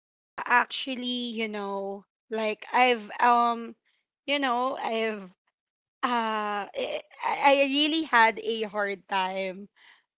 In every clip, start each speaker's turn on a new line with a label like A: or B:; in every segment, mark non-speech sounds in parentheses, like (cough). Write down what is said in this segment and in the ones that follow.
A: Yeah, actually, you know, like I've um, you know, I've uh, I really had a hard time.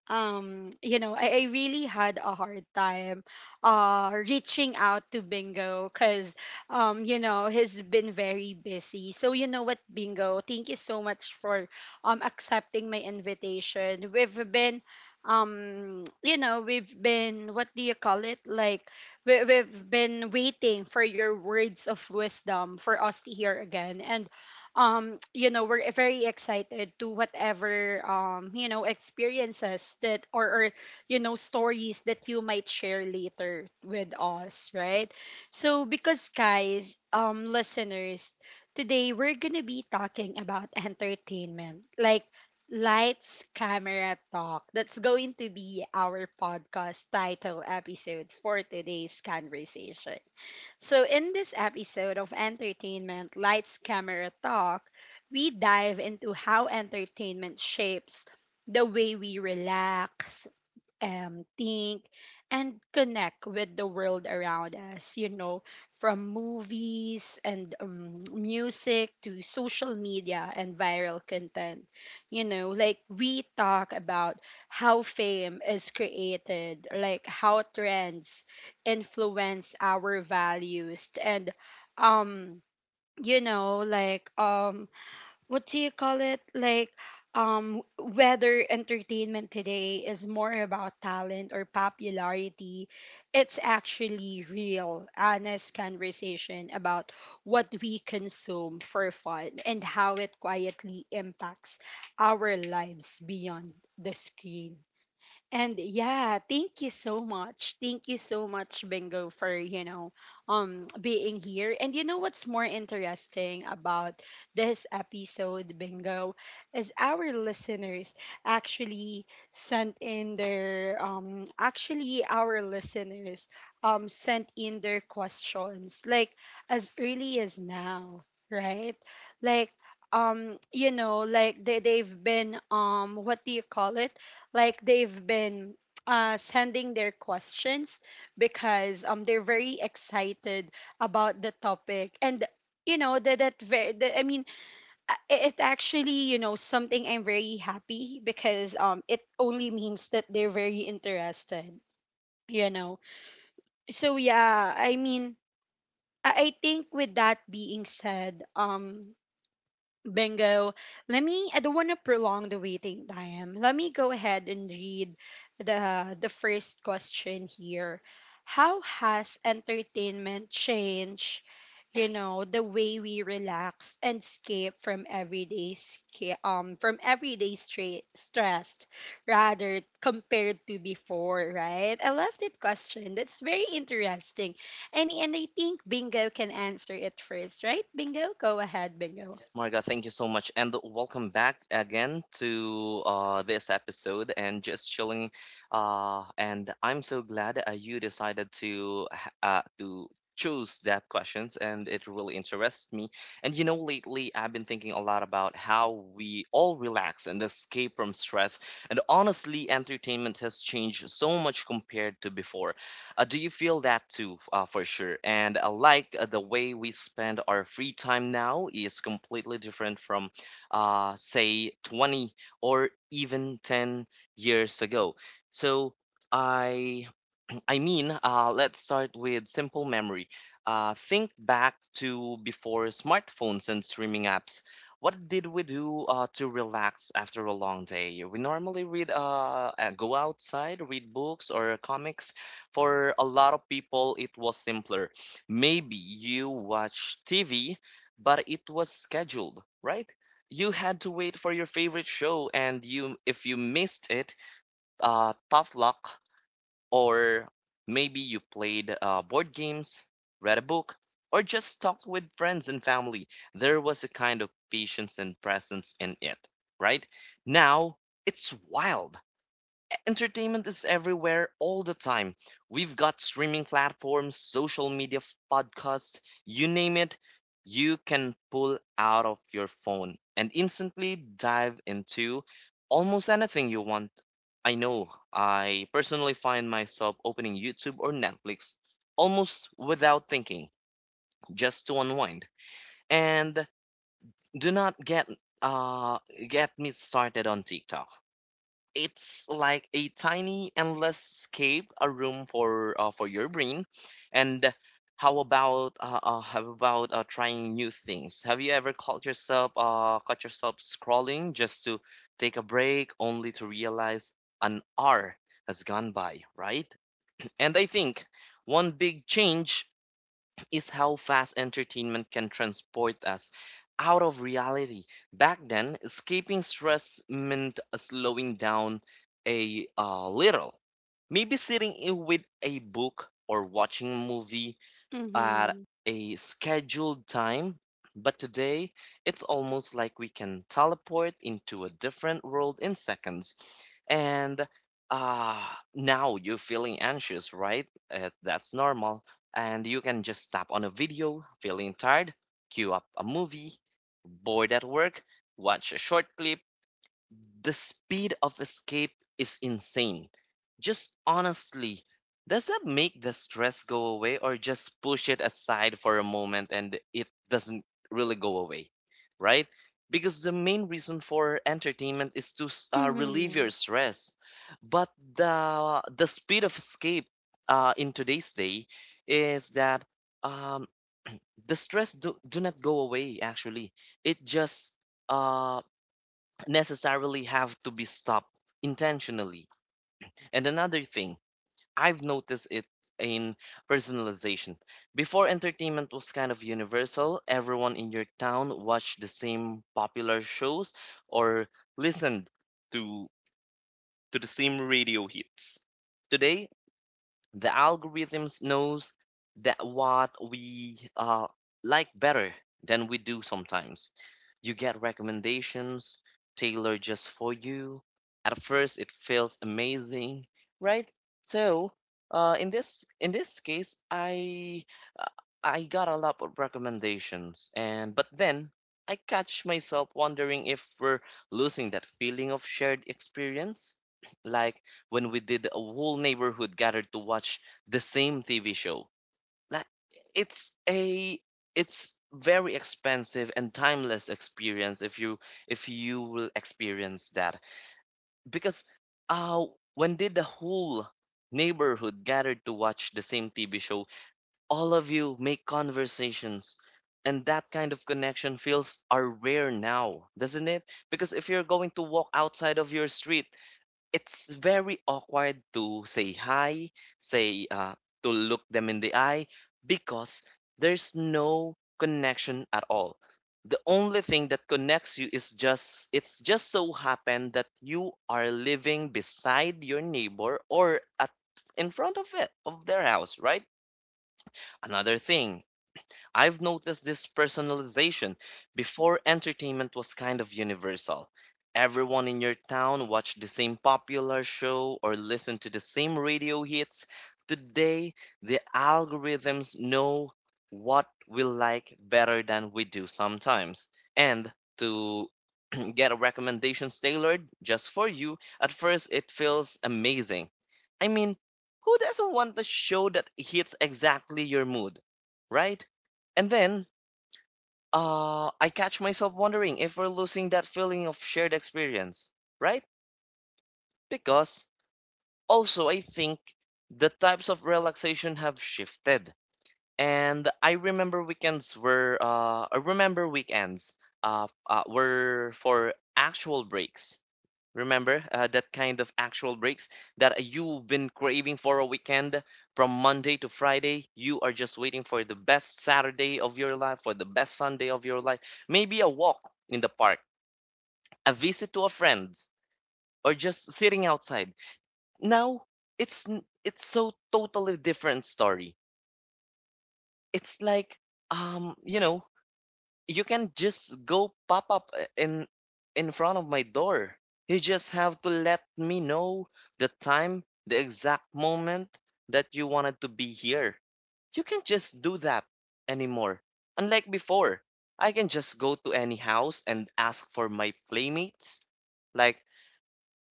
A: I really had a hard time reaching out to bingo because you know he's been very busy. So you know what bingo, thank you so much for accepting my invitation. We've been, we've been, what do you call it, like we've been waiting for your words of wisdom for us to hear again. And you know we're very excited to whatever you know experiences that, or you know stories that you might share later with us, right? So because guys, listeners, today we're gonna be talking about entertainment, like lights camera talk. That's going to be our podcast title episode for today's conversation. So, in this episode of Entertainment Lights Camera Talk, we dive into how entertainment shapes the way we relax, think, and connect with the world around us, you know, from movies and music to social media and viral content. You know, like we talk about how fame is created, like how trends influence our values and um you know like what do you call it like whether entertainment today is more about talent or popularity. It's actually real honest conversation about what we consume for fun and how it quietly impacts our lives beyond the screen. And yeah, thank you so much. Thank you so much, Bingo, for you know, being here. And you know what's more interesting about this episode, Bingo, is our listeners actually sent in their actually our listeners sent in their questions, like as early as now, right? Like you know like they've been, what do you call it, like they've been sending their questions because they're very excited about the topic. And you know that I mean it it actually you know something I'm very happy because it only means that they're very interested, you know. So yeah, I mean, I think with that being said, Bingo. Let me, I don't want to prolong the waiting time. Let me go ahead and read the first question here. How has entertainment changed, you know, the way we relax and escape from from stress rather compared to before, right? I love that question. That's very interesting. And I think Bingo can answer it first, right? Bingo, go ahead, Bingo.
B: Marga, thank you so much. And welcome back again to this episode and just chilling. And I'm so glad you decided to to choose that questions and it really interests me. And you know, lately I've been thinking a lot about how we all relax and escape from stress. And honestly, entertainment has changed so much compared to before. Do you feel that too, for sure? And like the way we spend our free time now is completely different from, say, 20 or even 10 years ago. So I I mean, let's start with simple memory. Think back to before smartphones and streaming apps. What did we do to relax after a long day? We normally read, go outside, read books or comics. For a lot of people, it was simpler. Maybe you watch TV, but it was scheduled, right? You had to wait for your favorite show, and you if you missed it, tough luck, or maybe you played board games, read a book, or just talked with friends and family. There was a kind of patience and presence in it, right? Now, it's wild. Entertainment is everywhere all the time. We've got streaming platforms, social media, podcasts, you name it, you can pull out of your phone and instantly dive into almost anything you want. I know I personally find myself opening YouTube or Netflix almost without thinking, just to unwind. And do not get uh get me started on TikTok. It's like a tiny endless escape, a room for your brain. And how about trying new things? Have you ever caught yourself scrolling just to take a break, only to realize an hour has gone by, right? And I think one big change is how fast entertainment can transport us out of reality. Back then, escaping stress meant slowing down a little. Maybe sitting in with a book or watching a movie at
A: Mhm.
B: a scheduled time, but today it's almost like we can teleport into a different world in seconds. And uh, now you're feeling anxious, right? That's normal. And you can just tap on a video, feeling tired, queue up a movie, bored at work, watch a short clip. The speed of escape is insane. Just honestly, does that make the stress go away or just push it aside for a moment, and it doesn't really go away, right? Because the main reason for entertainment is to relieve your
A: Mhm.
B: stress. But the speed of escape in today's day is that um, the stress do not go away actually. It just uh, necessarily have to be stopped intentionally. And another thing, I've noticed it in personalization. Before, entertainment was kind of universal, everyone in your town watched the same popular shows or listened to to the same radio hits. Today, the algorithms knows that what we like better than we do sometimes. You get recommendations tailored just for you. At first, it feels amazing, right? So, in this case, uh, I got a lot of recommendations, and but then I catch myself wondering if we're losing that feeling of shared experience. Like when we did a whole neighborhood gathered to watch the same TV show. Like it's a it's very expensive and timeless experience if you will experience that because uh when did the whole neighborhood gathered to watch the same TV show, all of you make conversations, and that kind of connection feels are rare now, doesn't it? Because if you're going to walk outside of your street, it's very awkward to say hi, say to look them in the eye, because there's no connection at all. The only thing that connects you is just it's just so happened that you are living beside your neighbor or at in front of it of their house, right? Another thing I've noticed this personalization. Before, entertainment was kind of universal. Everyone in your town watched the same popular show or listened to the same radio hits. Today, the algorithms know what we like better than we do sometimes. And to (clears throat) get recommendations tailored just for you, at first it feels amazing. I mean, who doesn't want the show that hits exactly your mood, right? And then I catch myself wondering if we're losing that feeling of shared experience, right? Because also I think the types of relaxation have shifted. And I remember I remember weekends were for actual breaks. Remember that kind of actual breaks that you've been craving for a weekend from Monday to Friday. You are just waiting for the best Saturday of your life, for the best Sunday of your life. Maybe a walk in the park, a visit to a friend, or just sitting outside. Now it's so totally different story. It's like um you know you can just go pop up in front of my door. You just have to let me know the time, the exact moment that you wanted to be here. You can't just do that anymore. Unlike before, I can just go to any house and ask for my playmates. Like,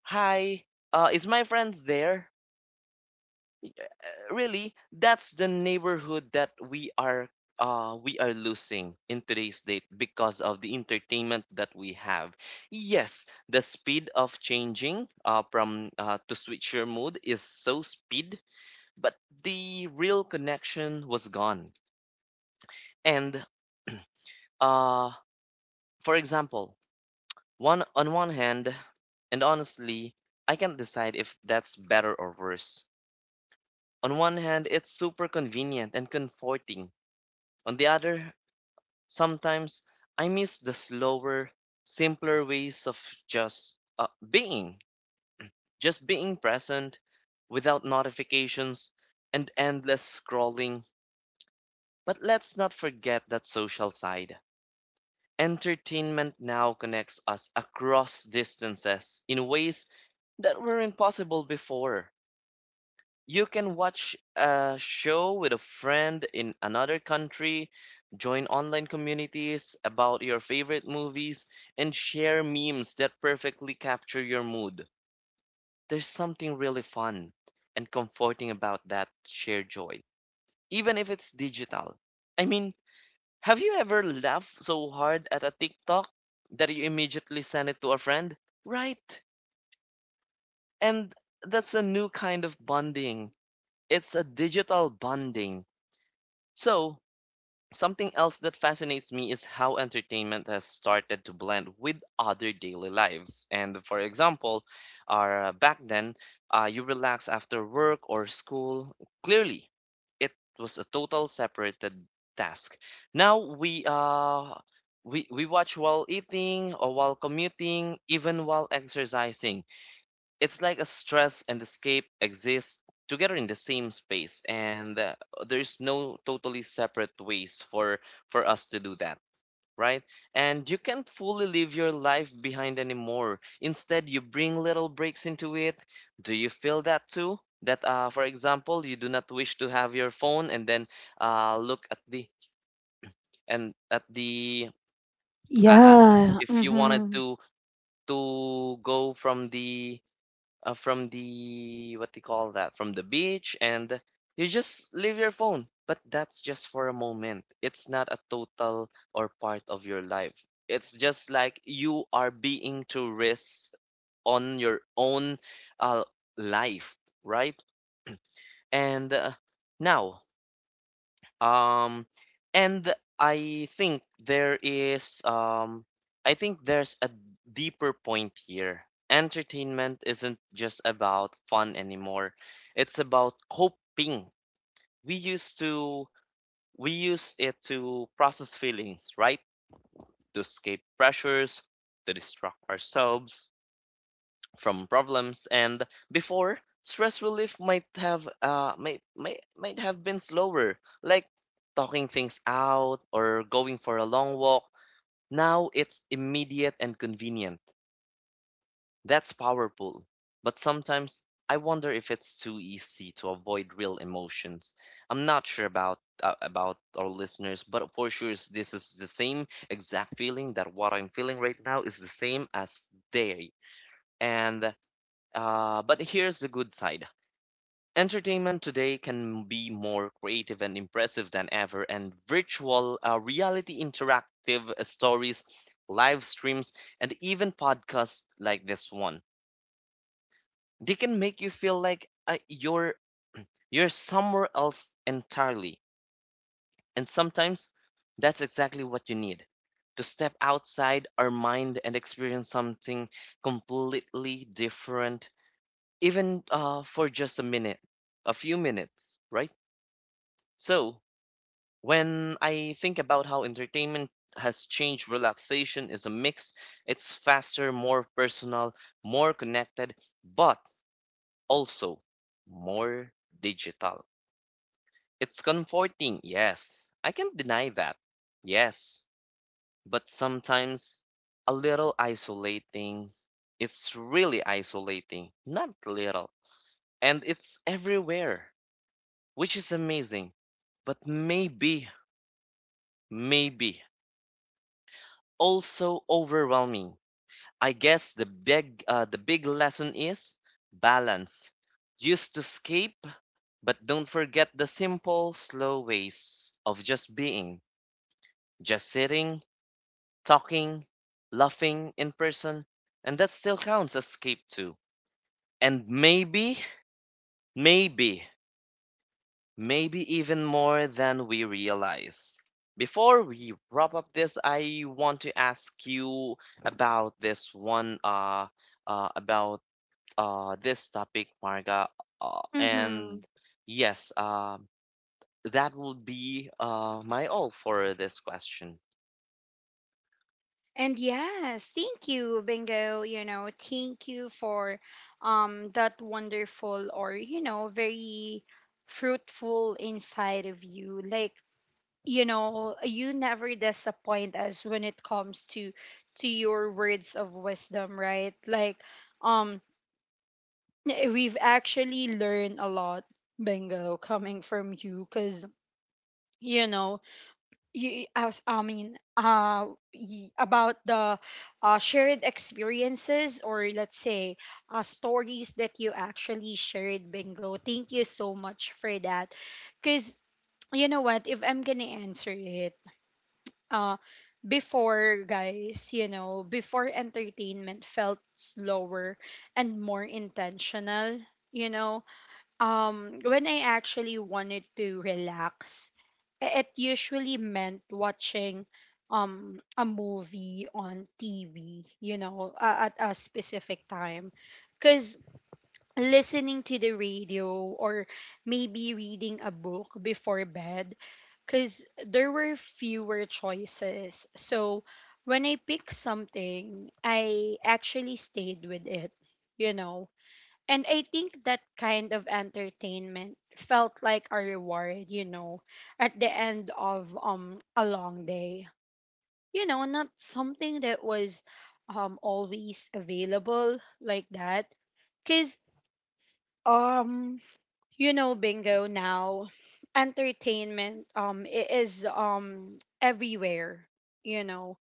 B: hi, is my friends there? Really, that's the neighborhood that we are losing in today's date because of the entertainment that we have. Yes, the speed of changing from to switch your mood is so speed, but the real connection was gone. And uh for example, one hand, and honestly, I can't decide if that's better or worse. On one hand, it's super convenient and comforting. On the other, sometimes I miss the slower, simpler ways of just being, just being present without notifications and endless scrolling. But let's not forget that social side. Entertainment now connects us across distances in ways that were impossible before. You can watch a show with a friend in another country, join online communities about your favorite movies, and share memes that perfectly capture your mood. There's something really fun and comforting about that shared joy, even if it's digital. I mean, have you ever laughed so hard at a TikTok that you immediately send it to a friend? Right. And that's a new kind of bonding. It's a digital bonding. So, something else that fascinates me is how entertainment has started to blend with other daily lives. And for example, back then, you relax after work or school. Clearly, it was a total separated task. Now we watch while eating or while commuting, even while exercising. It's like a stress and escape exist together in the same space, and there's no totally separate ways for us to do that, right? And you can't fully leave your life behind anymore, instead you bring little breaks into it. Do you feel that too, that for example you do not wish to have your phone and then look at the and at the uh, uh,
A: Yeah.
B: if you wanted
A: Mm-hmm.
B: to go from the what they call that from the beach and you just leave your phone, but that's just for a moment, it's not a total or part of your life, it's just like you are being to risk on your own uh, life, right? And now um, and I think I think there's a deeper point here. Entertainment isn't just about fun anymore. It's about coping. We used to, we use it to process feelings, right? To escape pressures, to distract ourselves, from problems. And before, stress relief might have might have been slower, like talking things out or going for a long walk. Now it's immediate and convenient. That's powerful, but sometimes I wonder if it's too easy to avoid real emotions. I'm not sure about our listeners, but for sure this is the same exact feeling, that what I'm feeling right now is the same as they. And But here's the good side. Entertainment today can be more creative and impressive than ever, and virtual reality, interactive stories, live streams, and even podcasts like this one. They can make you feel like you're somewhere else entirely. And sometimes that's exactly what you need, to step outside our mind and experience something completely different, even for just a minute, a few minutes, right? So, when I think about how entertainment has changed, relaxation is a mix. It's faster, more personal, more connected, but also more digital. It's comforting, yes. I can't deny that, yes. But sometimes a little isolating. It's really isolating, not little. And it's everywhere, which is amazing, but maybe also overwhelming. I guess the big lesson is balance. Used to escape, but don't forget the simple, slow ways of just being, just sitting, talking, laughing in person, and that still counts as escape too. And maybe, maybe Maybe even more than we realize. Before we wrap up this, I want to ask you about this one, about this topic, Marga. Uh,
A: Mm-hmm.
B: and yes, that will be my all for this question.
A: And yes, thank you, Bingo. You know, thank you for that wonderful or you know very fruitful inside of you. Like you know, you never disappoint us when it comes to your words of wisdom, right? Like um, we've actually learned a lot, Bingo, coming from you, cause you know you as I mean y- about the shared experiences or let's say stories that you actually shared. Bingo, thank you so much for that because you know what, if I'm gonna answer it, uh before guys, you know, before entertainment felt slower and more intentional, you know. When I actually wanted to relax, it usually meant watching a movie on TV, you know, at a specific time. Cuz listening to the radio or maybe reading a book before bed, cuz there were fewer choices. So when I picked something, I actually stayed with it, you know. And I think that kind of entertainment felt like a reward, you know, at the end of a long day. You know, not something that was always available like that. Cause um you know bingo, now entertainment is everywhere, you know,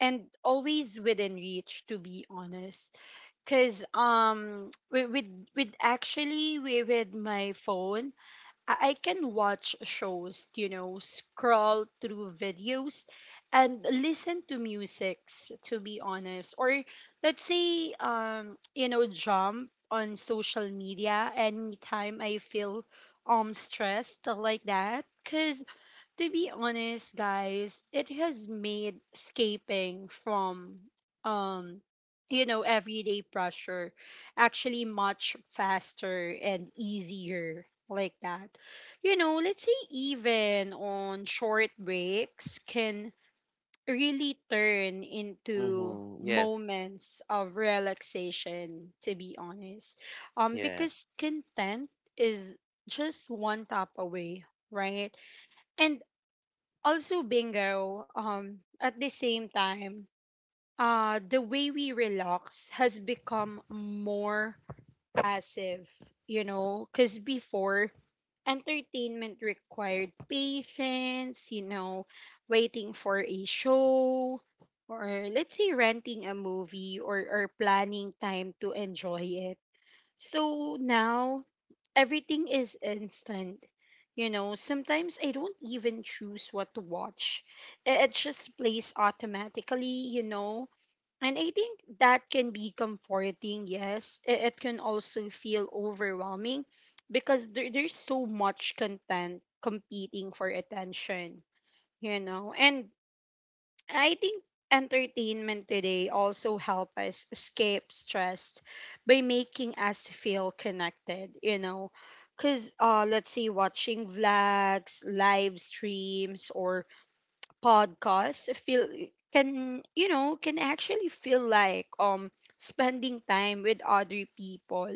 A: and always within reach, to be honest, because with my phone, I can watch shows, you know, scroll through videos and listen to musics, to be honest, or let's say you know jump on social media anytime I feel stressed like that. Because to be honest, guys, it has made escaping from um you know everyday pressure actually much faster and easier like that. You know, let's say even on short breaks can really turn into
B: Mm-hmm. Yes,
A: moments of relaxation, to be honest.
B: yes.
A: Because content is just one tap away, right? And also bingo, at the same time, the way we relax has become more passive, you know, because before entertainment required patience, you know, waiting for a show or let's say renting a movie or planning time to enjoy it. So now everything is instant. You know, sometimes I don't even choose what to watch. It just plays automatically, you know. And I think that can be comforting, yes. It can also feel overwhelming because there's so much content competing for attention, you know. And I think entertainment today also help us escape stress by making us feel connected, you know. Cause let's say watching vlogs, live streams or podcasts feel can you know can actually feel like spending time with other people,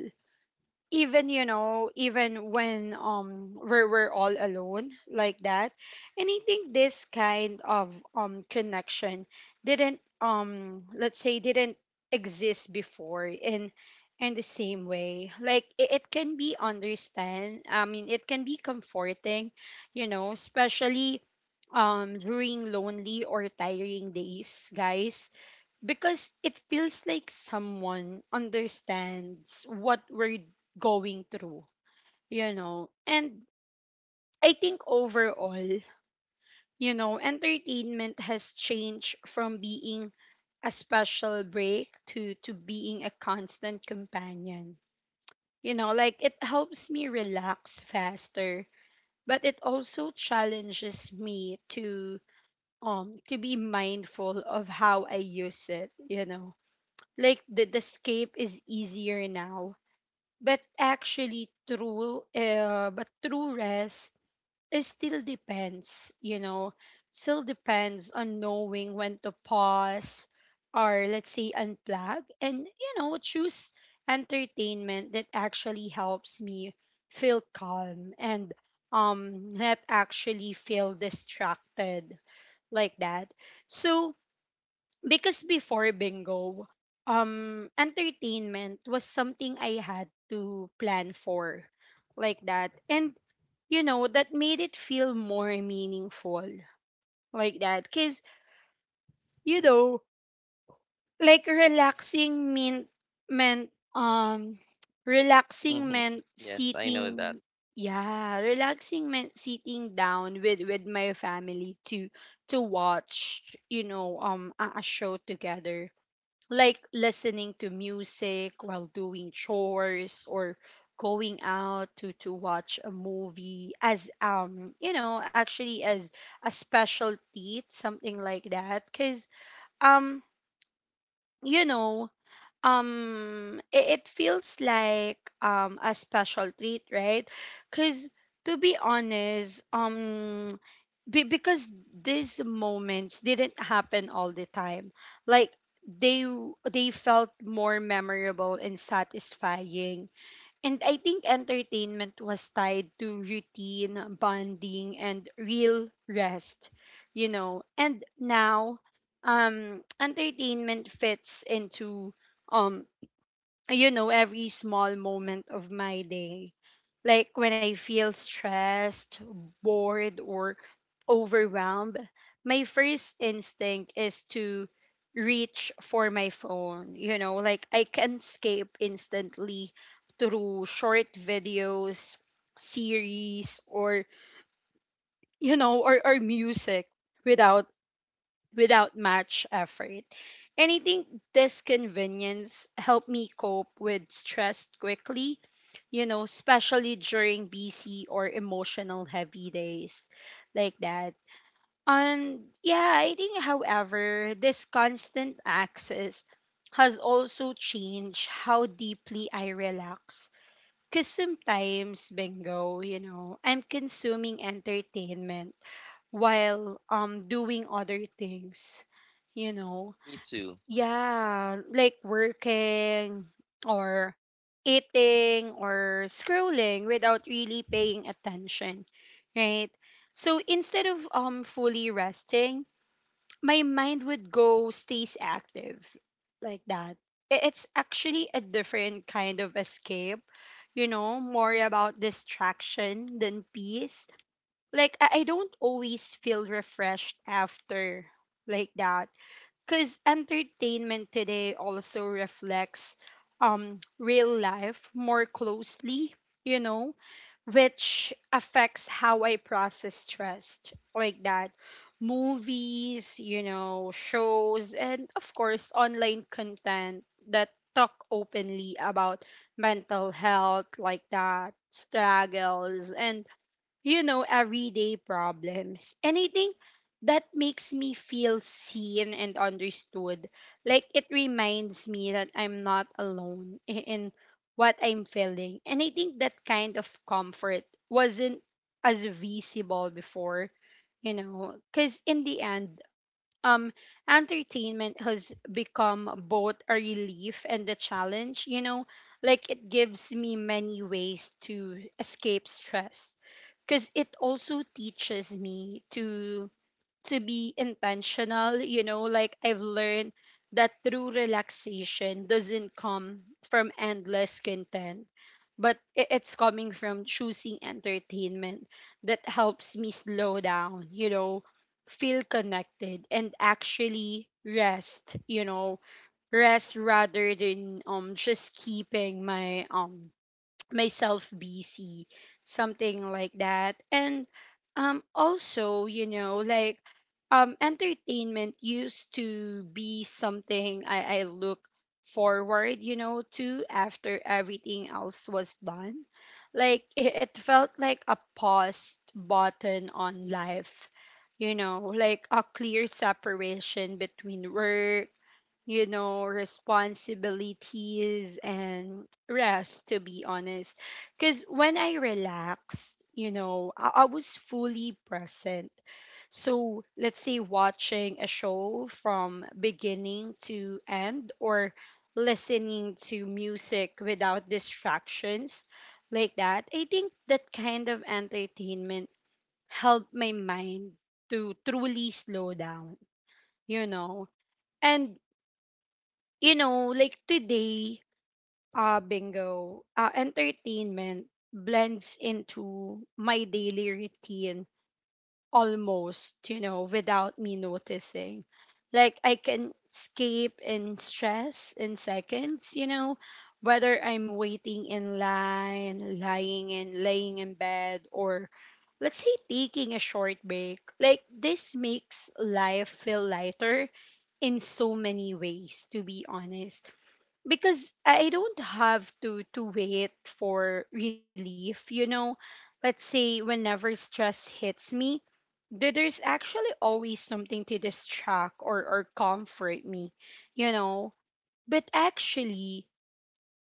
A: even you know even when we're all alone like that. And I think this kind of connection didn't, let's say didn't exist before in the same way. Like it can be understand, I mean it can be comforting, you know, especially during lonely or tiring days, guys, because it feels like someone understands what we're going through, you know. And I think overall, you know, entertainment has changed from being a special break to being a constant companion. You know, like it helps me relax faster, but it also challenges me to be mindful of how I use it, you know, like the escape is easier now, but actually true but true rest, it still depends, you know, still depends on knowing when to pause or let's say unplug, and you know choose entertainment that actually helps me feel calm and not actually feel distracted like that. So because before bingo, entertainment was something I had to plan for like that. And you know that made it feel more meaningful like that because you know like meant um relaxing
B: Mm-hmm.
A: meant
B: Yes, I know that.
A: sitting, yeah, relaxing meant sitting down with my family to watch, you know, a show together, like listening to music while doing chores or going out to watch a movie as you know actually as a specialty something like that. Because um you know it feels like a special treat, right? Because to be honest, because these moments didn't happen all the time. Like they felt more memorable and satisfying. And I think entertainment was tied to routine bonding and real rest, you know. And now entertainment fits into, um you know, every small moment of my day. Like when I feel stressed, bored, or overwhelmed, my first instinct is to reach for my phone. You know, like I can escape instantly through short videos, series, or you know, or music without without much effort. And I think this convenience helped me cope with stress quickly, you know, especially during busy or emotional heavy days like that. And yeah, I think, however, this constant access has also changed how deeply I relax. Because sometimes, bingo, you know, I'm consuming entertainment while doing other things, you know,
B: Me too.
A: yeah, like working or eating or scrolling without really paying attention, right? So instead of fully resting, my mind would go stays active like that. It's actually a different kind of escape, you know, more about distraction than peace. Like I don't always feel refreshed after like that, because entertainment today also reflects real life more closely, you know, which affects how I process stress like that. Movies, you know, shows, and of course online content that talk openly about mental health, like that, struggles and everyday problems. And I think that makes me feel seen and understood. Like it reminds me that I'm not alone in what I'm feeling. And I think that kind of comfort wasn't as visible before, because in the end, um, entertainment has become both a relief and a challenge, you know, like it gives me many ways to escape stress because it also teaches me to be intentional, you know, like I've learned that true relaxation doesn't come from endless content, but it's coming from choosing entertainment that helps me slow down, you know, feel connected and actually rest you know rest rather than just keeping my myself busy, something like that. And also, you know, like entertainment used to be something I look forward, you know, to, after everything else was done. Like it felt like a pause button on life, you know, like a clear separation between work, you know, responsibilities and rest, to be honest. Because when I relaxed, I was fully present. So let's say watching a show from beginning to end, or listening to music without distractions, like that, I think that kind of entertainment helped my mind to truly slow down, you know. And you know, like today, Bingo, entertainment blends into my daily routine almost, you know, without me noticing. Like I can escape in stress in seconds, you know, whether I'm waiting in line, lying in, laying in bed, or let's say taking a short break. Like this makes life feel lighter in so many ways, to be honest, because I don't have to wait for relief. You know, let's say whenever stress hits me, there's actually always something to distract or comfort me. You know, but actually.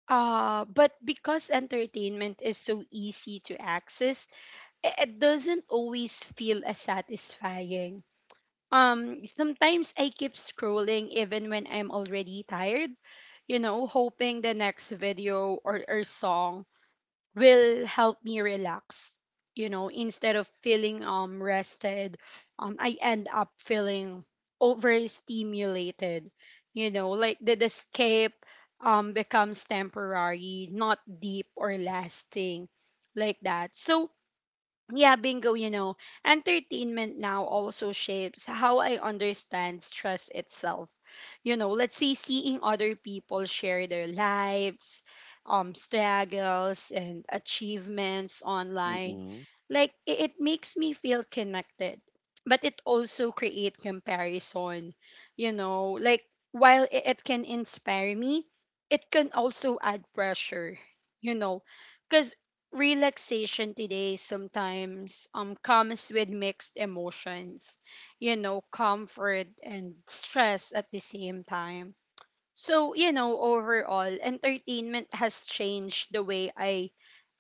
A: But because entertainment is so easy to access, it doesn't always feel as satisfying. Sometimes I keep scrolling even when I'm already tired, you know, hoping the next video, or song, will help me relax. You know, instead of feeling rested, I end up feeling overstimulated. You know, like the escape becomes temporary, not deep or lasting like that. So yeah, Bingo, you know, entertainment now also shapes how I understand stress itself. You know, let's say seeing other people share their lives, struggles, and achievements online,
B: Mm-mm.
A: like it makes me feel connected. But it also create comparison, you know, like while it can inspire me, it can also add pressure, you know, because relaxation today sometimes comes with mixed emotions, you know, comfort and stress at the same time. So, you know, overall, entertainment has changed the way i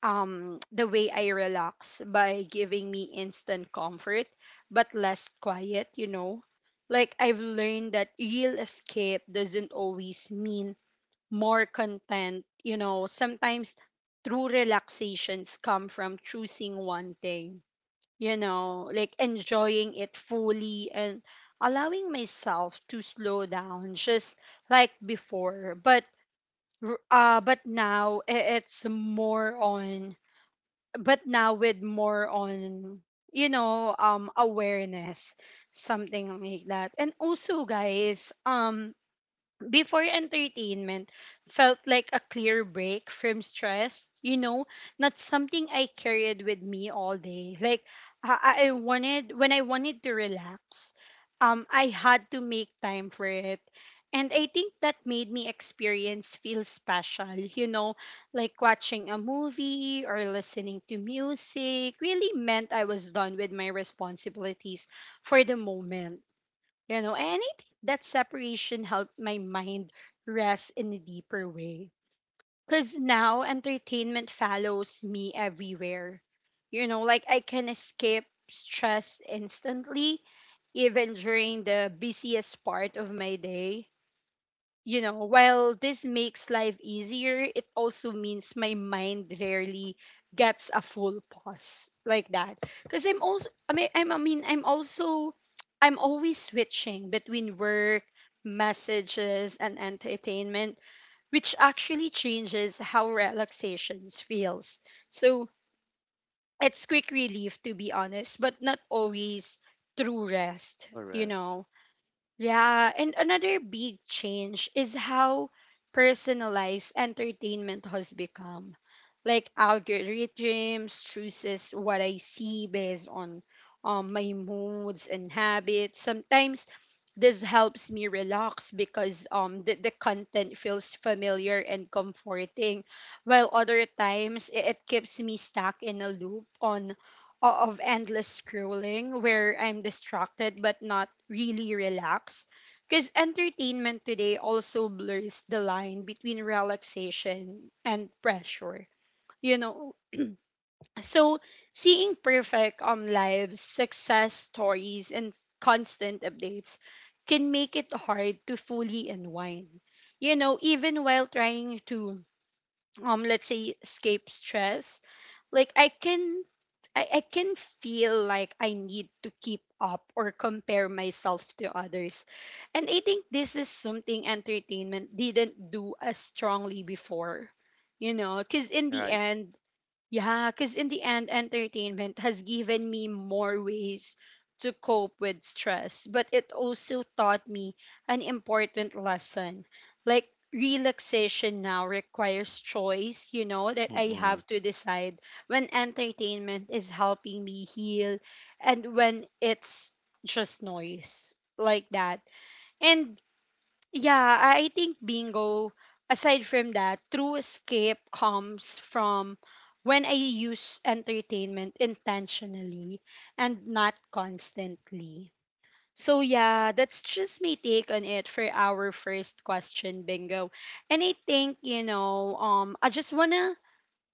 A: um the way i relax, by giving me instant comfort but less quiet. Like I've learned that real escape doesn't always mean more content. You know, sometimes true relaxations come from choosing one thing, you know, like enjoying it fully and allowing myself to slow down just like before. But r- but now I- it's more on but now with more on, awareness, something like that. And also, guys, before entertainment felt like a clear break from stress, you know, not something I carried with me all day. Like, I wanted when I wanted to relax, I had to make time for it. And I think that made me experience feel special, you know, like watching a movie or listening to music really meant I was done with my responsibilities for the moment. You know, and I think that separation helped my mind rest in a deeper way. Because now entertainment follows me everywhere. You know, like I can escape stress instantly, even during the busiest part of my day, you know, while this makes life easier, it also means my mind rarely gets a full pause like that. Because I'm also, I mean, I'm also, I'm always switching between work, messages, and entertainment, which actually changes how relaxations feels. So it's quick relief, to be honest, but not always true rest,
B: Correct.
A: yeah, and another big change is how personalized entertainment has become. Like algorithms chooses what I see based on my moods and habits. Sometimes this helps me relax because the content feels familiar and comforting, while other times it keeps me stuck in a loop on of endless scrolling, where I'm distracted but not really relaxed. Because entertainment today also blurs the line between relaxation and pressure, you know. So seeing perfect lives, success stories, and constant updates can make it hard to fully unwind. You know, even while trying to let's say escape stress, like I can feel like I need to keep up or compare myself to others. And I think this is something entertainment didn't do as strongly before. You know, because in the
B: Right.
A: end, Yeah, because in the end, entertainment has given me more ways to cope with stress, but it also taught me an important lesson. Like, relaxation now requires choice, you know, that I
B: Mm-mm.
A: have to decide when entertainment is helping me heal, and when it's just noise like that. And yeah, I think, Bingo, aside from that, true escape comes from when I use entertainment intentionally and not constantly. So, yeah, that's just my take on it for our first question, Bingo. And I think, I just wanna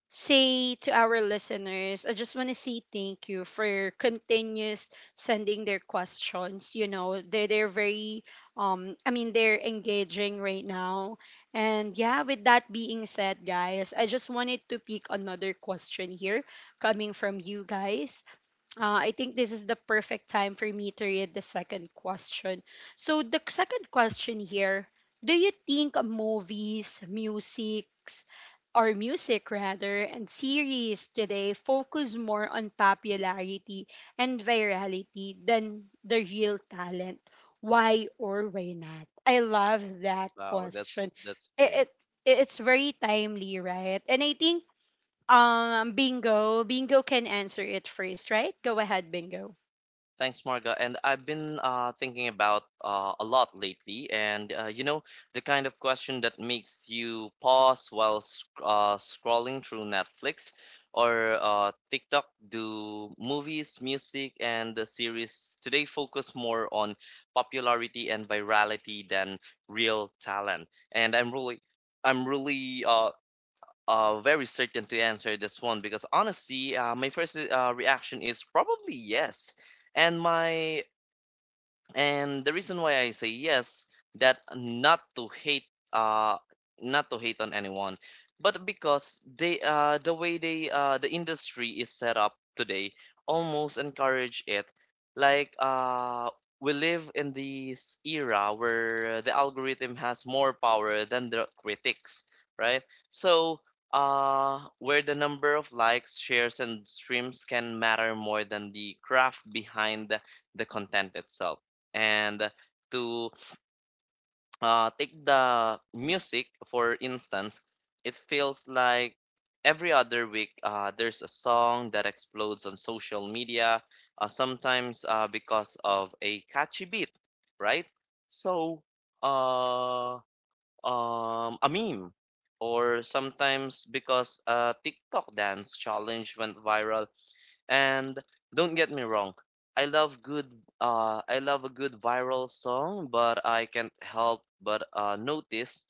A: say to our listeners, I just want to say thank you for continuous sending their questions. You know, they're very I mean they're engaging right now. And yeah, with that being said, guys, I just wanted to pick another question here coming from you guys. I think this is the perfect time for me to read the second question. So the second question here, do you think movies, music, or music rather, and series today focus more on popularity and virality than the real talent. Why or why not? I love that
B: Wow,
A: question.
B: that's
A: It,
B: fair.
A: it it's very timely, right? And I think Bingo can answer it first, right? Go ahead, Bingo.
B: Thanks, Marga. And I've been thinking about a lot lately, and you know, the kind of question that makes you pause while sc scrolling through Netflix or TikTok. Do movies, music, and the series today focus more on popularity and virality than real talent? And I'm really very certain to answer this one because honestly, my first reaction is probably yes, and my and the reason why I say yes, that not to hate uh not to hate on anyone, but because the way the industry is set up today almost encourage it. Like we live in this era where the algorithm has more power than the critics, right? So, where the number of likes, shares and streams can matter more than the craft behind the content itself. And to take the music for instance, it feels like every other week there's a song that explodes on social media, sometimes because of a catchy beat, right? So, uh, a meme, or sometimes because a TikTok dance challenge went viral. And don't get me wrong, I love good I love a good viral song, but I can't help but notice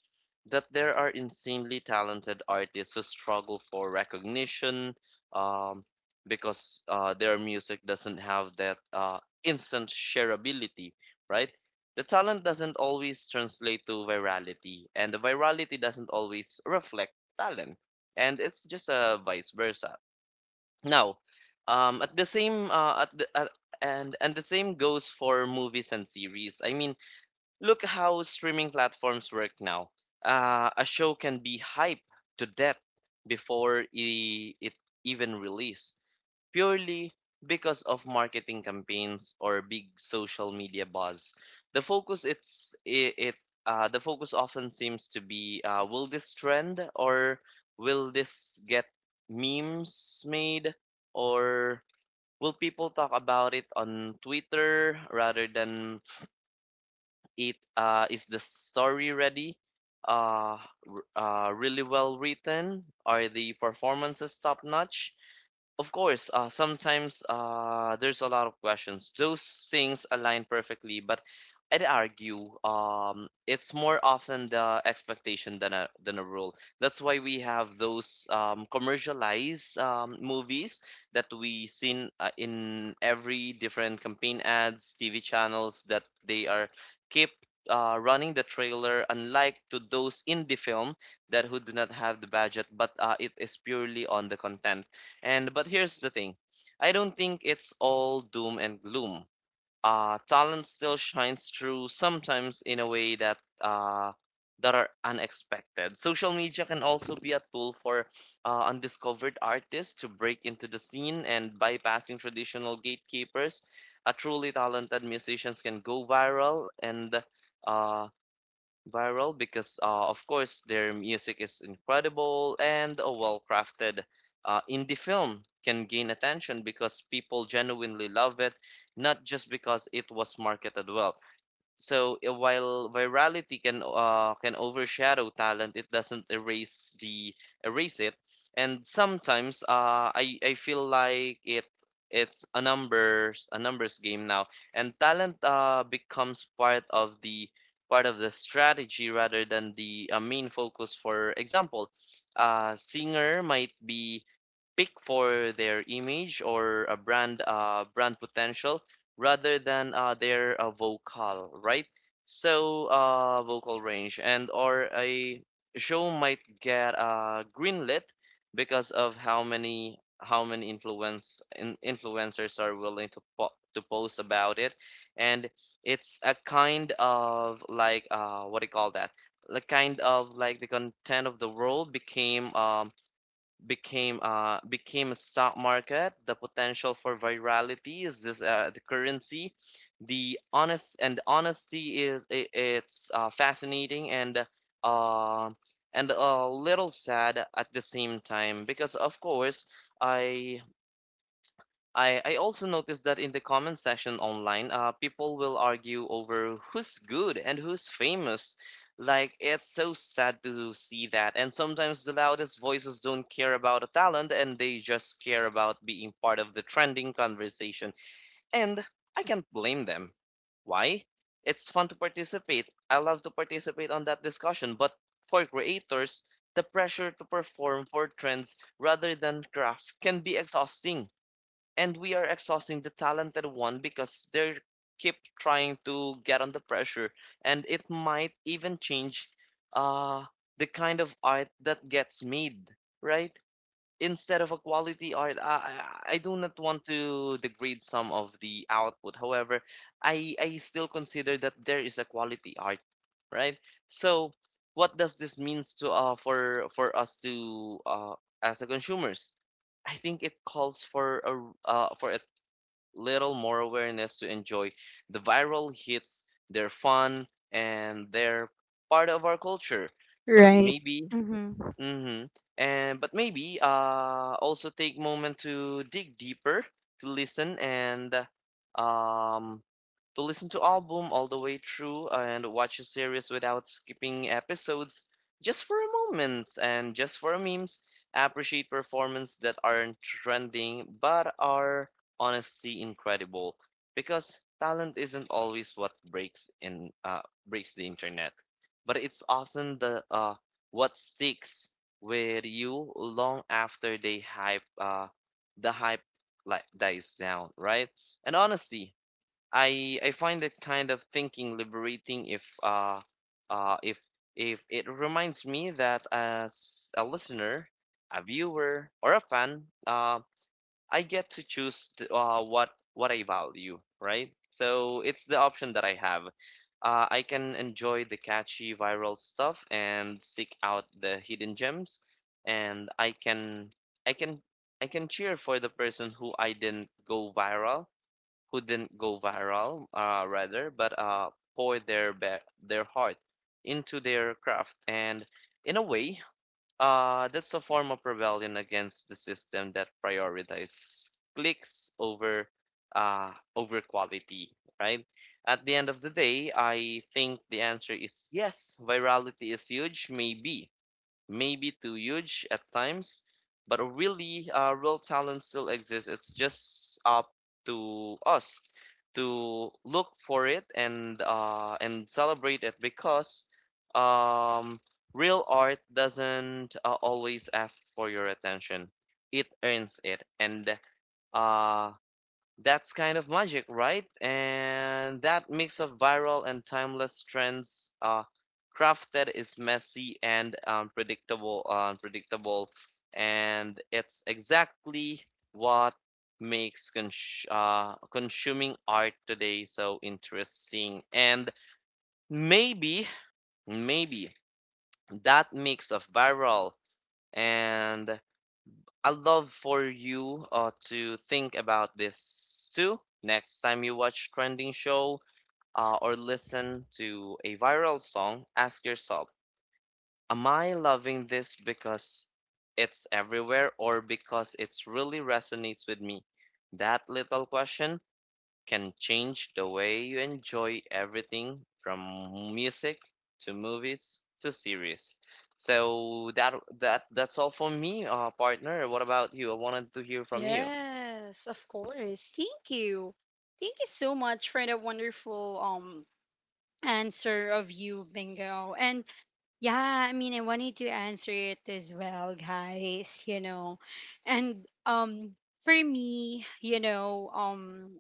B: that there are insanely talented artists who struggle for recognition, um because their music doesn't have that instant shareability, right? The talent doesn't always translate to virality, and the virality doesn't always reflect talent, and it's just vice versa. Now, at the same at the, at, and the same goes for movies and series. I mean, look how streaming platforms work now. A show can be hyped to death before it even release, purely because of marketing campaigns or big social media buzz. The focus it's it, it the focus often seems to be, will this trend, or will this get memes made, or will people talk about it on Twitter, rather than it is the story ready? Uh, Really well written? Are the performances top notch? Of course, sometimes there's a lot of questions. Those things align perfectly, but I'd argue it's more often the expectation than a rule. That's why we have those commercialized movies that we seen in every different campaign ads, TV channels that they are keep running the trailer. Unlike to those indie film that who do not have the budget, but it is purely on the content. And but here's the thing, I don't think it's all doom and gloom. Talent still shines through sometimes in a way that that are unexpected. Social media can also be a tool for undiscovered artists to break into the scene and bypassing traditional gatekeepers. A truly talented musicians can go viral and uh, viral because of course their music is incredible, and a well-crafted indie film can gain attention because people genuinely love it, not just because it was marketed well. So while virality can overshadow talent, it doesn't erase it. And sometimes uh, I feel like it's a numbers game now, and talent uh, becomes part of the strategy rather than the main focus. For example, a singer might be pick for their image or a brand potential rather than their vocal, right? So vocal range, and or a show might get greenlit because of how many influencers are willing to to post about it. And it's a kind of like, what do you call that, the kind of like the content of the world became a stock market, the potential for virality is this, the currency. The honest and honesty is, I it's fascinating uh and a little sad at the same time, because of course i I also noticed that in the comment section online, people will argue over who's good and who's famous. Like, it's so sad to see that. And sometimes the loudest voices don't care about a talent, and they just care about being part of the trending conversation. And I can't blame them. Why? It's fun to participate. I love to participate on that discussion. But for creators, the pressure to perform for trends rather than craft can be exhausting, and we are exhausting the talented one because they keep trying to get under pressure, and it might even change uh the kind of art that gets made, right? Instead of a quality art, I do not want to degrade some of the output, however, I still consider that there is a quality art, right? So what does this means to for us to as a consumers? I think it calls for a little more awareness to enjoy the viral hits. They're fun and they're part of our culture. But
A: Right.
B: maybe
A: Mm-hmm.
B: Mm-hmm. And but maybe also take moment to dig deeper, to listen and um to listen to album all the way through, and watch a series without skipping episodes just for a moment and just for a memes. Appreciate performance that aren't trending but are honestly incredible, because talent isn't always what breaks the internet, but it's often the what sticks with you long after the hype like dies down, right? And honestly, I find that kind of thinking liberating, uh if if it reminds me that as a listener, a viewer or a fan, I get to choose what I value, right? So it's the option that I have. I can enjoy the catchy viral stuff and seek out the hidden gems, and I can I can cheer for the person who didn't go viral, rather, but their heart into their craft, and in a way, that's a form of rebellion against the system that prioritizes clicks over over quality, right? At the end of the day, I think the answer is yes, virality is huge, maybe too huge at times, but really, real talent still exists. It's just up to us to look for it and celebrate it, because um, real art doesn't always ask for your attention. It earns it, and uh, that's kind of magic, right? And that mix of viral and timeless trends, crafted is messy and unpredictable, and it's exactly what makes consuming art today so interesting. And maybe, maybe that mix of viral and I'd love for you to think about this too next time you watch trending show or listen to a viral song. Ask yourself, am I loving this because it's everywhere, or because it's really resonates with me? That little question can change the way you enjoy everything from music to movies to series. So that's all for me, partner. What about you? I wanted to hear from you.
A: Yes, of course. Thank you. Thank you so much for the wonderful answer of you, Bingo. And yeah, I mean, I wanted to answer it as well, guys. And for me,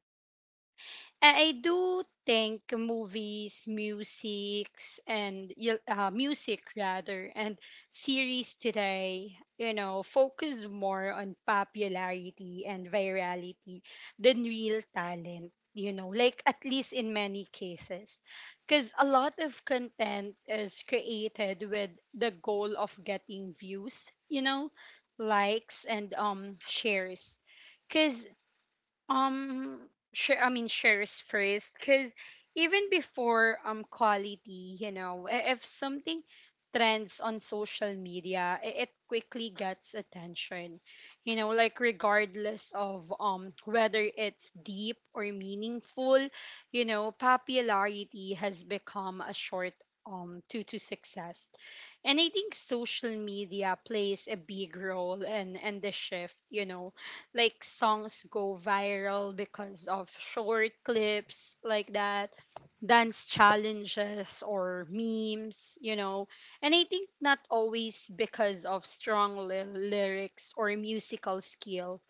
A: I do think movies, musics, and music rather, and series today, you know, focus more on popularity and virality than real talent. You know, like at least in many cases, because a lot of content is created with the goal of getting views, you know, likes, and shares. Because um, sure. I mean, shares first, because even before quality, you know, if something trends on social media, it quickly gets attention. You know, like regardless of whether it's deep or meaningful, you know, popularity has become a short to success. And I think social media plays a big role in the shift, you know, like songs go viral because of short clips, like that, dance challenges or memes. And I think not always because of strong lyrics or musical skill.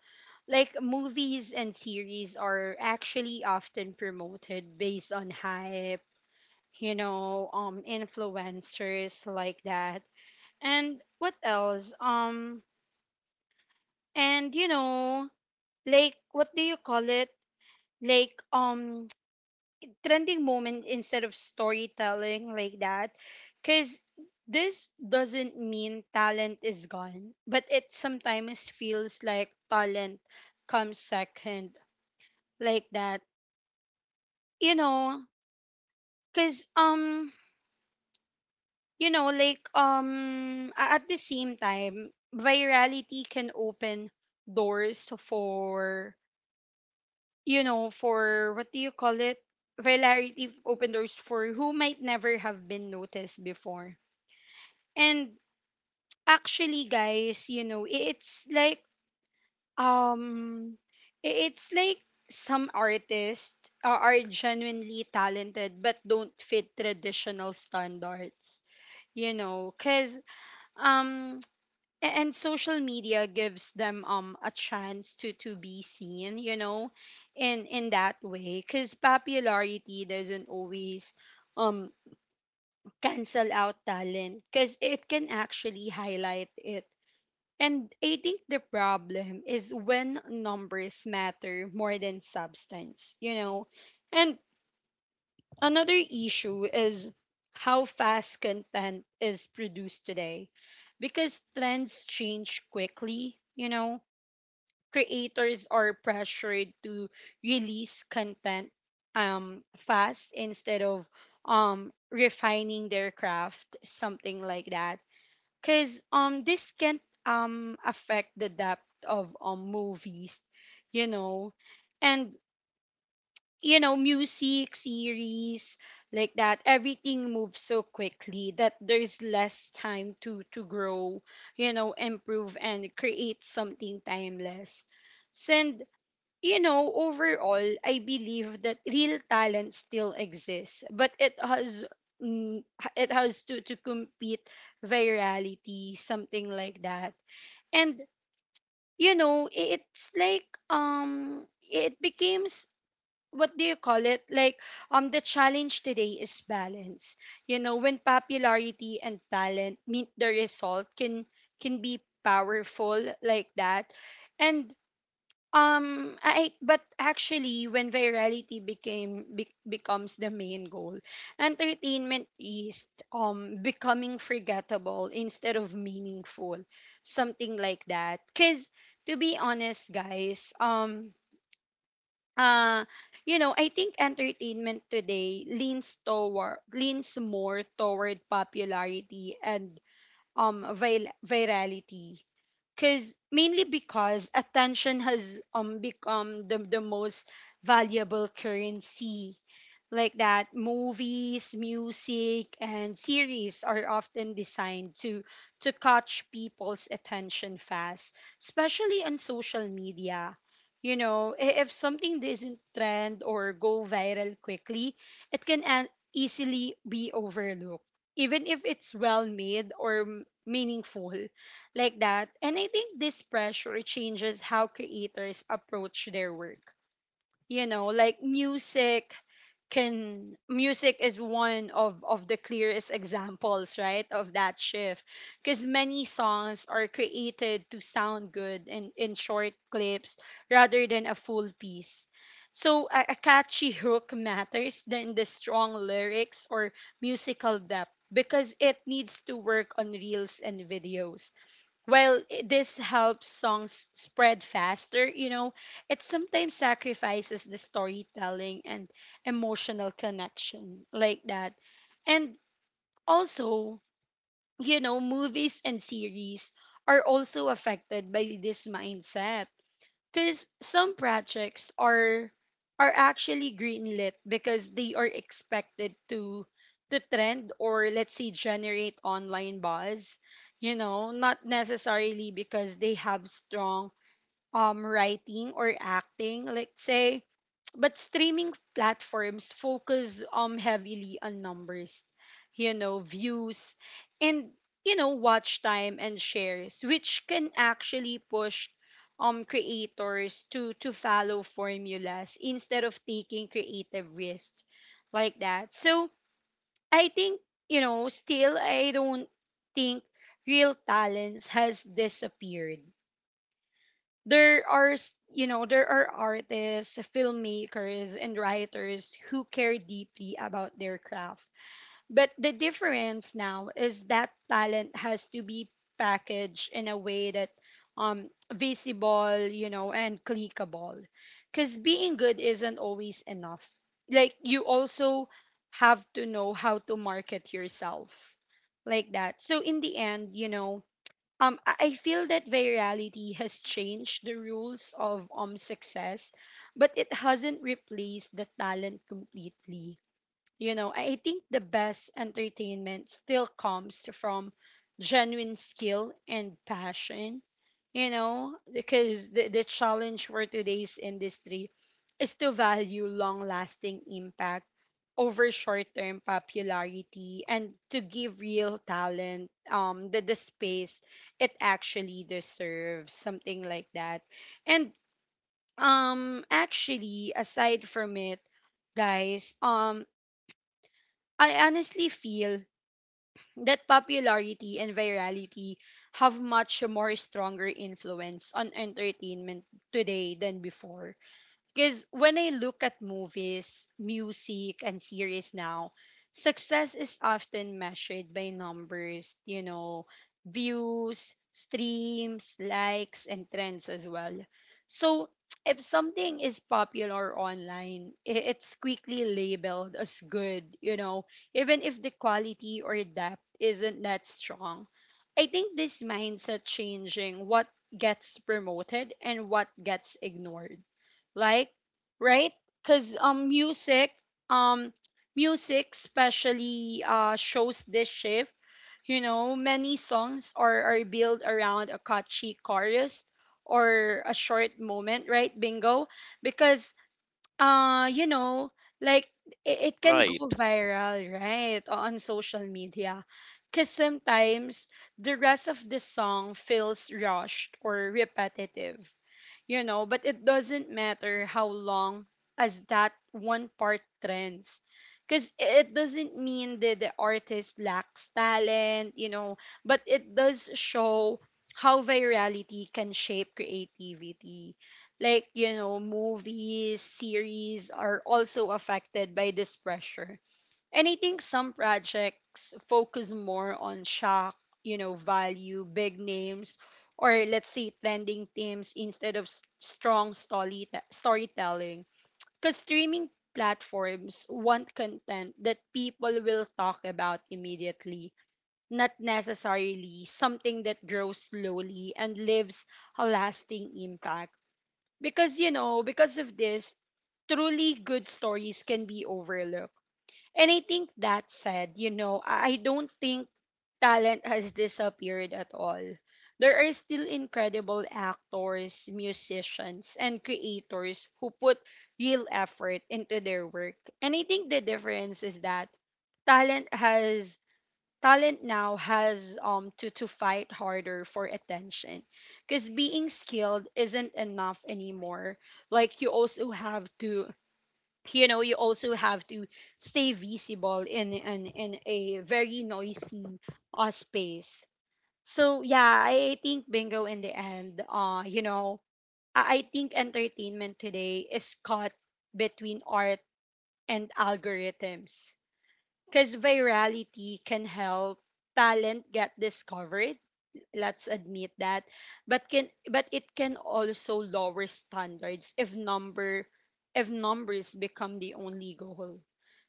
A: Like movies and series are actually often promoted based on hype, you know, influencers like that. And what else? And you know, like, what do you call it? Like trending moment instead of storytelling, like that, because this doesn't mean talent is gone, but it sometimes feels like talent comes second, like that, you know. Because you know, like at the same time, virality can open doors for what do you call it? Regularity, open doors for who might never have been noticed before. And actually, guys, you know, um, it's like some artists are genuinely talented but don't fit traditional standards. You know, cause um and social media gives them a chance to be seen, you know, in that way. Because popularity doesn't always um cancel out talent, because it can actually highlight it. And I think the problem is when numbers matter more than substance, you know. And another issue is how fast content is produced today, because trends change quickly, you know, creators are pressured to release content fast instead of refining their craft, something like that. Because this can affect the depth of movies, you know, and you know, music, series, like that. Everything moves so quickly that there's less time to grow, you know, improve and create something timeless. Since, you know, overall, I believe that real talent still exists, but mm, it has to compete virality, something like that. And you know, it's like it becomes, what do you call it? The challenge today is balance. You know, when popularity and talent meet, the result can be powerful like that, and I but actually, when virality becomes the main goal, entertainment is becoming forgettable instead of meaningful, something like that. Cause to be honest, guys, uh, you know, I think entertainment today leans more toward popularity and virality because mainly because attention has become the most valuable currency, like that. Movies, music and series are often designed to catch people's attention fast, especially on social media. You know, if something doesn't trend or go viral quickly, it can easily be overlooked, even if it's well made or meaningful, like that. And I think this pressure changes how creators approach their work. You know, like music is one of the clearest examples, right, of that shift. Because many songs are created to sound good in short clips rather than a full piece. So a catchy hook matters than the strong lyrics or musical depth, because it needs to work on reels and videos. While this helps songs spread faster, you know, it sometimes sacrifices the storytelling and emotional connection, like that. And also, you know, movies and series are also affected by this mindset, because some projects are actually greenlit because they are expected to trend or, let's say, generate online buzz, you know, not necessarily because they have strong writing or acting, let's say. But streaming platforms focus heavily on numbers, you know, views, and, you know, watch time and shares, which can actually push creators to follow formulas instead of taking creative risks, like that. So I think, you know, still, I don't think real talents has disappeared. You know, there are artists, filmmakers and writers who care deeply about their craft, but the difference now is that talent has to be packaged in a way that visible, you know, and clickable, because being good isn't always enough. Like, you also have to know how to market yourself, like that. So in the end, you know, I feel that virality has changed the rules of success, but it hasn't replaced the talent completely. You know, I think the best entertainment still comes from genuine skill and passion, you know, because the challenge for today's industry is to value long lasting impact over short term popularity, and to give real talent the space it actually deserves, something like that. And actually, aside from it, guys, I honestly feel that popularity and virality have much more stronger influence on entertainment today than before, because when I look at movies, music, and series now, success is often measured by numbers, you know, views, streams, likes, and trends as well. So (tsk) if something is popular online, it's quickly labeled as good, you know, even if the quality or depth isn't that strong. I think this mindset changing what gets promoted and what gets ignored, like, right. Because um music especially shows this shift. You know, many songs are built around a catchy chorus or a short moment, right, bingo. Because you know, like, it can go
B: Right.
A: viral right on social media, because sometimes the rest of the song feels rushed or repetitive, you know, but it doesn't matter how long as that one part trends. Because it doesn't mean that the artist lacks talent, you know, but it does show how virality can shape creativity. Like, you know, movies, series are also affected by this pressure. And I think some projects focus more on shock, you know, value, big names, or, let's say, trending themes instead of s- strong story storytelling. Because streaming platforms want content that people will talk about immediately, not necessarily something that grows slowly and leaves a lasting impact. Because, you know, because of this, truly good stories can be overlooked. And I think that said, you know, I don't think talent has disappeared at all. There are still incredible actors, musicians, and creators who put real effort into their work. And I think the difference is that talent has talent now has to fight harder for attention, because being skilled isn't enough anymore. Like you also have to, you know, you also have to stay visible in in a very noisy space. So yeah, I think, bingo, in the end, you know, I think entertainment today is caught between art and algorithms, because virality can help talent get discovered, let's admit that. But it can also lower standards if number if numbers become the only goal.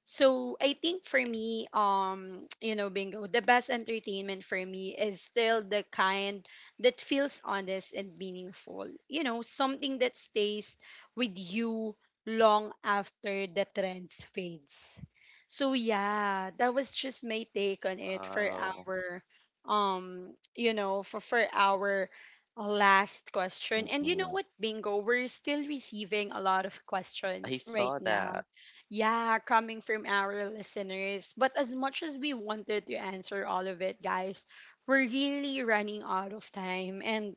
A: So I think for me, (tsk) you know, bingo, the best entertainment for me is still the kind that feels honest and meaningful, you know, something that stays with you long after the trends fades. So yeah, that was just my take on it for
B: Wow.
A: our um you know, for our last question. And you know
B: Mm-mm.
A: what, bingo, we're still receiving a lot of
B: I
A: questions right
B: saw
A: now.
B: that.
A: Yeah, coming from our listeners, but as much as we wanted to answer all of it, guys, we're really running out of time. And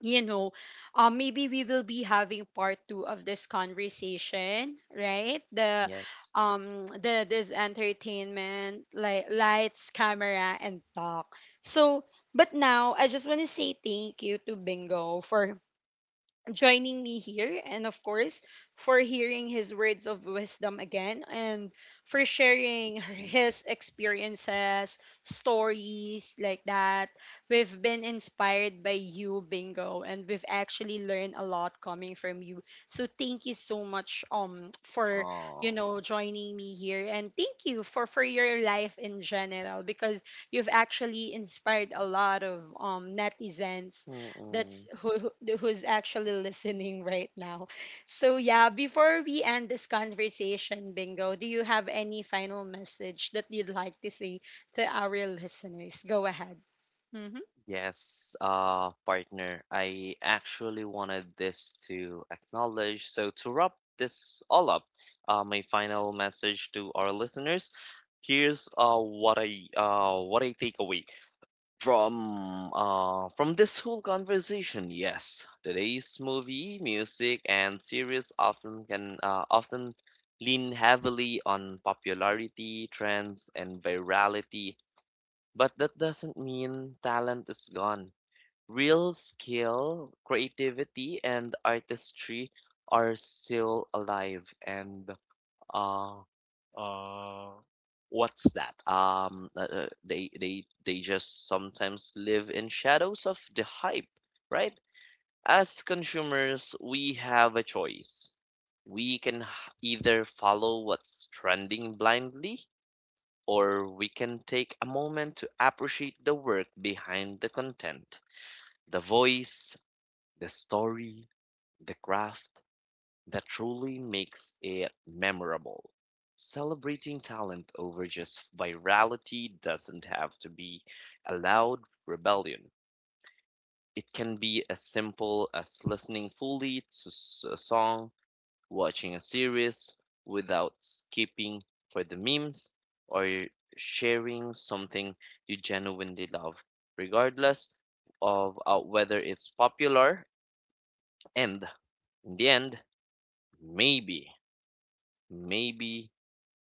A: you know, maybe we will be having part two of this conversation, right? The,
B: Yes.
A: um, the this entertainment, like Lights, Camera, and Talk. So, but now I just want to say thank you to Bingo for joining me here, and of course, for hearing his words of wisdom again, and for sharing
B: Mm.
A: his experiences, stories, like that. We've been inspired by you, bingo, and we've actually learned a lot coming from you. So thank you so much for, you
B: Oh.
A: know, joining me here, and thank you for your life in general, because you've actually inspired a lot of netizens.
B: Mm-mm.
A: Who's actually listening (laughs) right now. So yeah, before we end this conversation, Bingo, do you have any final message that you'd like to say to our listeners? Go ahead. Mm-hmm.
B: Yes, partner, I actually wanted this to acknowledge. So, to wrap this all up, my final message to our listeners, here's what I take away from this whole conversation. Yes, today's movie, music, and series often lean heavily on popularity, trends, and virality, but that doesn't mean talent is gone. Real skill, creativity, and artistry are still alive. And uh, uh, what's that? They just sometimes live in shadows of the hype, right? As consumers, we have a choice. We can either follow what's trending blindly, or we can take a moment to appreciate the work behind the content, the voice, the story, the craft that truly makes it memorable. Celebrating talent over just virality doesn't have to be a loud rebellion. It can be as simple as listening fully to a song, watching a series without skipping for the memes, or sharing something you genuinely love, regardless of whether it's popular. And in the end, Maybe, maybe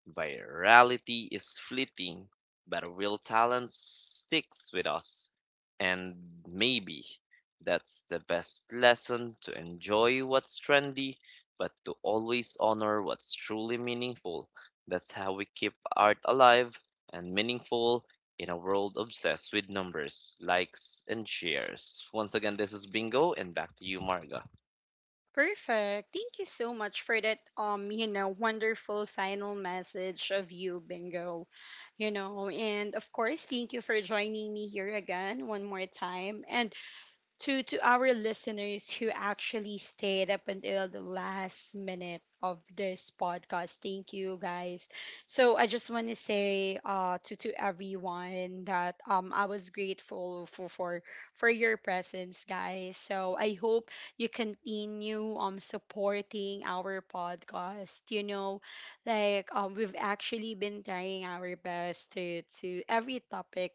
B: virality is fleeting, but real talent sticks with us. And maybe that's the best lesson, to enjoy what's trendy, but to always honor what's truly meaningful. That's how we keep art alive and meaningful in a world obsessed with numbers, likes, and shares. Once again, this is Bingo, and back to you, Marga.
A: Perfect. Thank you so much for that you know, wonderful final message of you, Bingo. You know, and of course, thank you for joining me here again, one more time. And to our listeners who actually stayed up until the last minute of this podcast, thank you, guys. So I just want to say to everyone that I was grateful for for your presence, guys. So I hope you continue supporting our podcast, you know, like, we've actually been trying our best to every topic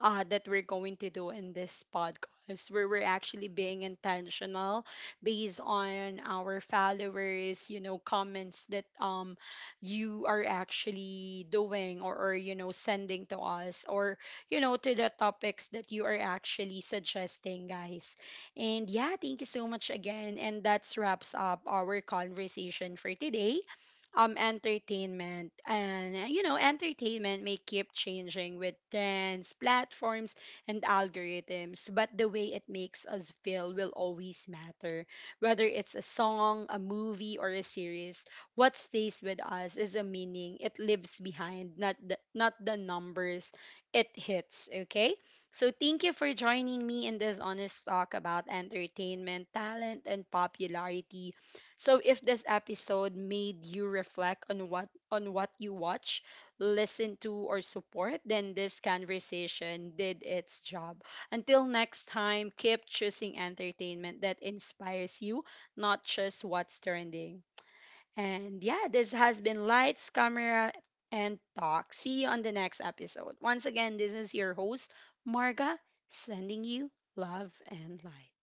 A: that we're going to do in this podcast, us where we're actually being intentional based on our followers, you know, comments that you are actually doing, or, you know, sending to us, or, you know, to the topics that you are actually suggesting, guys. And yeah, thank you so much again. And that wraps up our conversation for today. Entertainment and, you know, entertainment may keep changing with trends, platforms and algorithms, but the way it makes us feel will always matter. Whether it's a song, a movie, or a series, what stays with us is a meaning it lives behind, not the numbers it hits, okay? So thank you for joining me in this honest talk about entertainment, talent, and popularity. So if this episode made you reflect on what you watch, listen to or support, then this conversation did its job. Until next time, keep choosing entertainment that inspires you, not just what's trending. And yeah, this has been Lights, Camera, and Talk. See you on the next episode. Once again, this is your host, Marga, sending you love and light.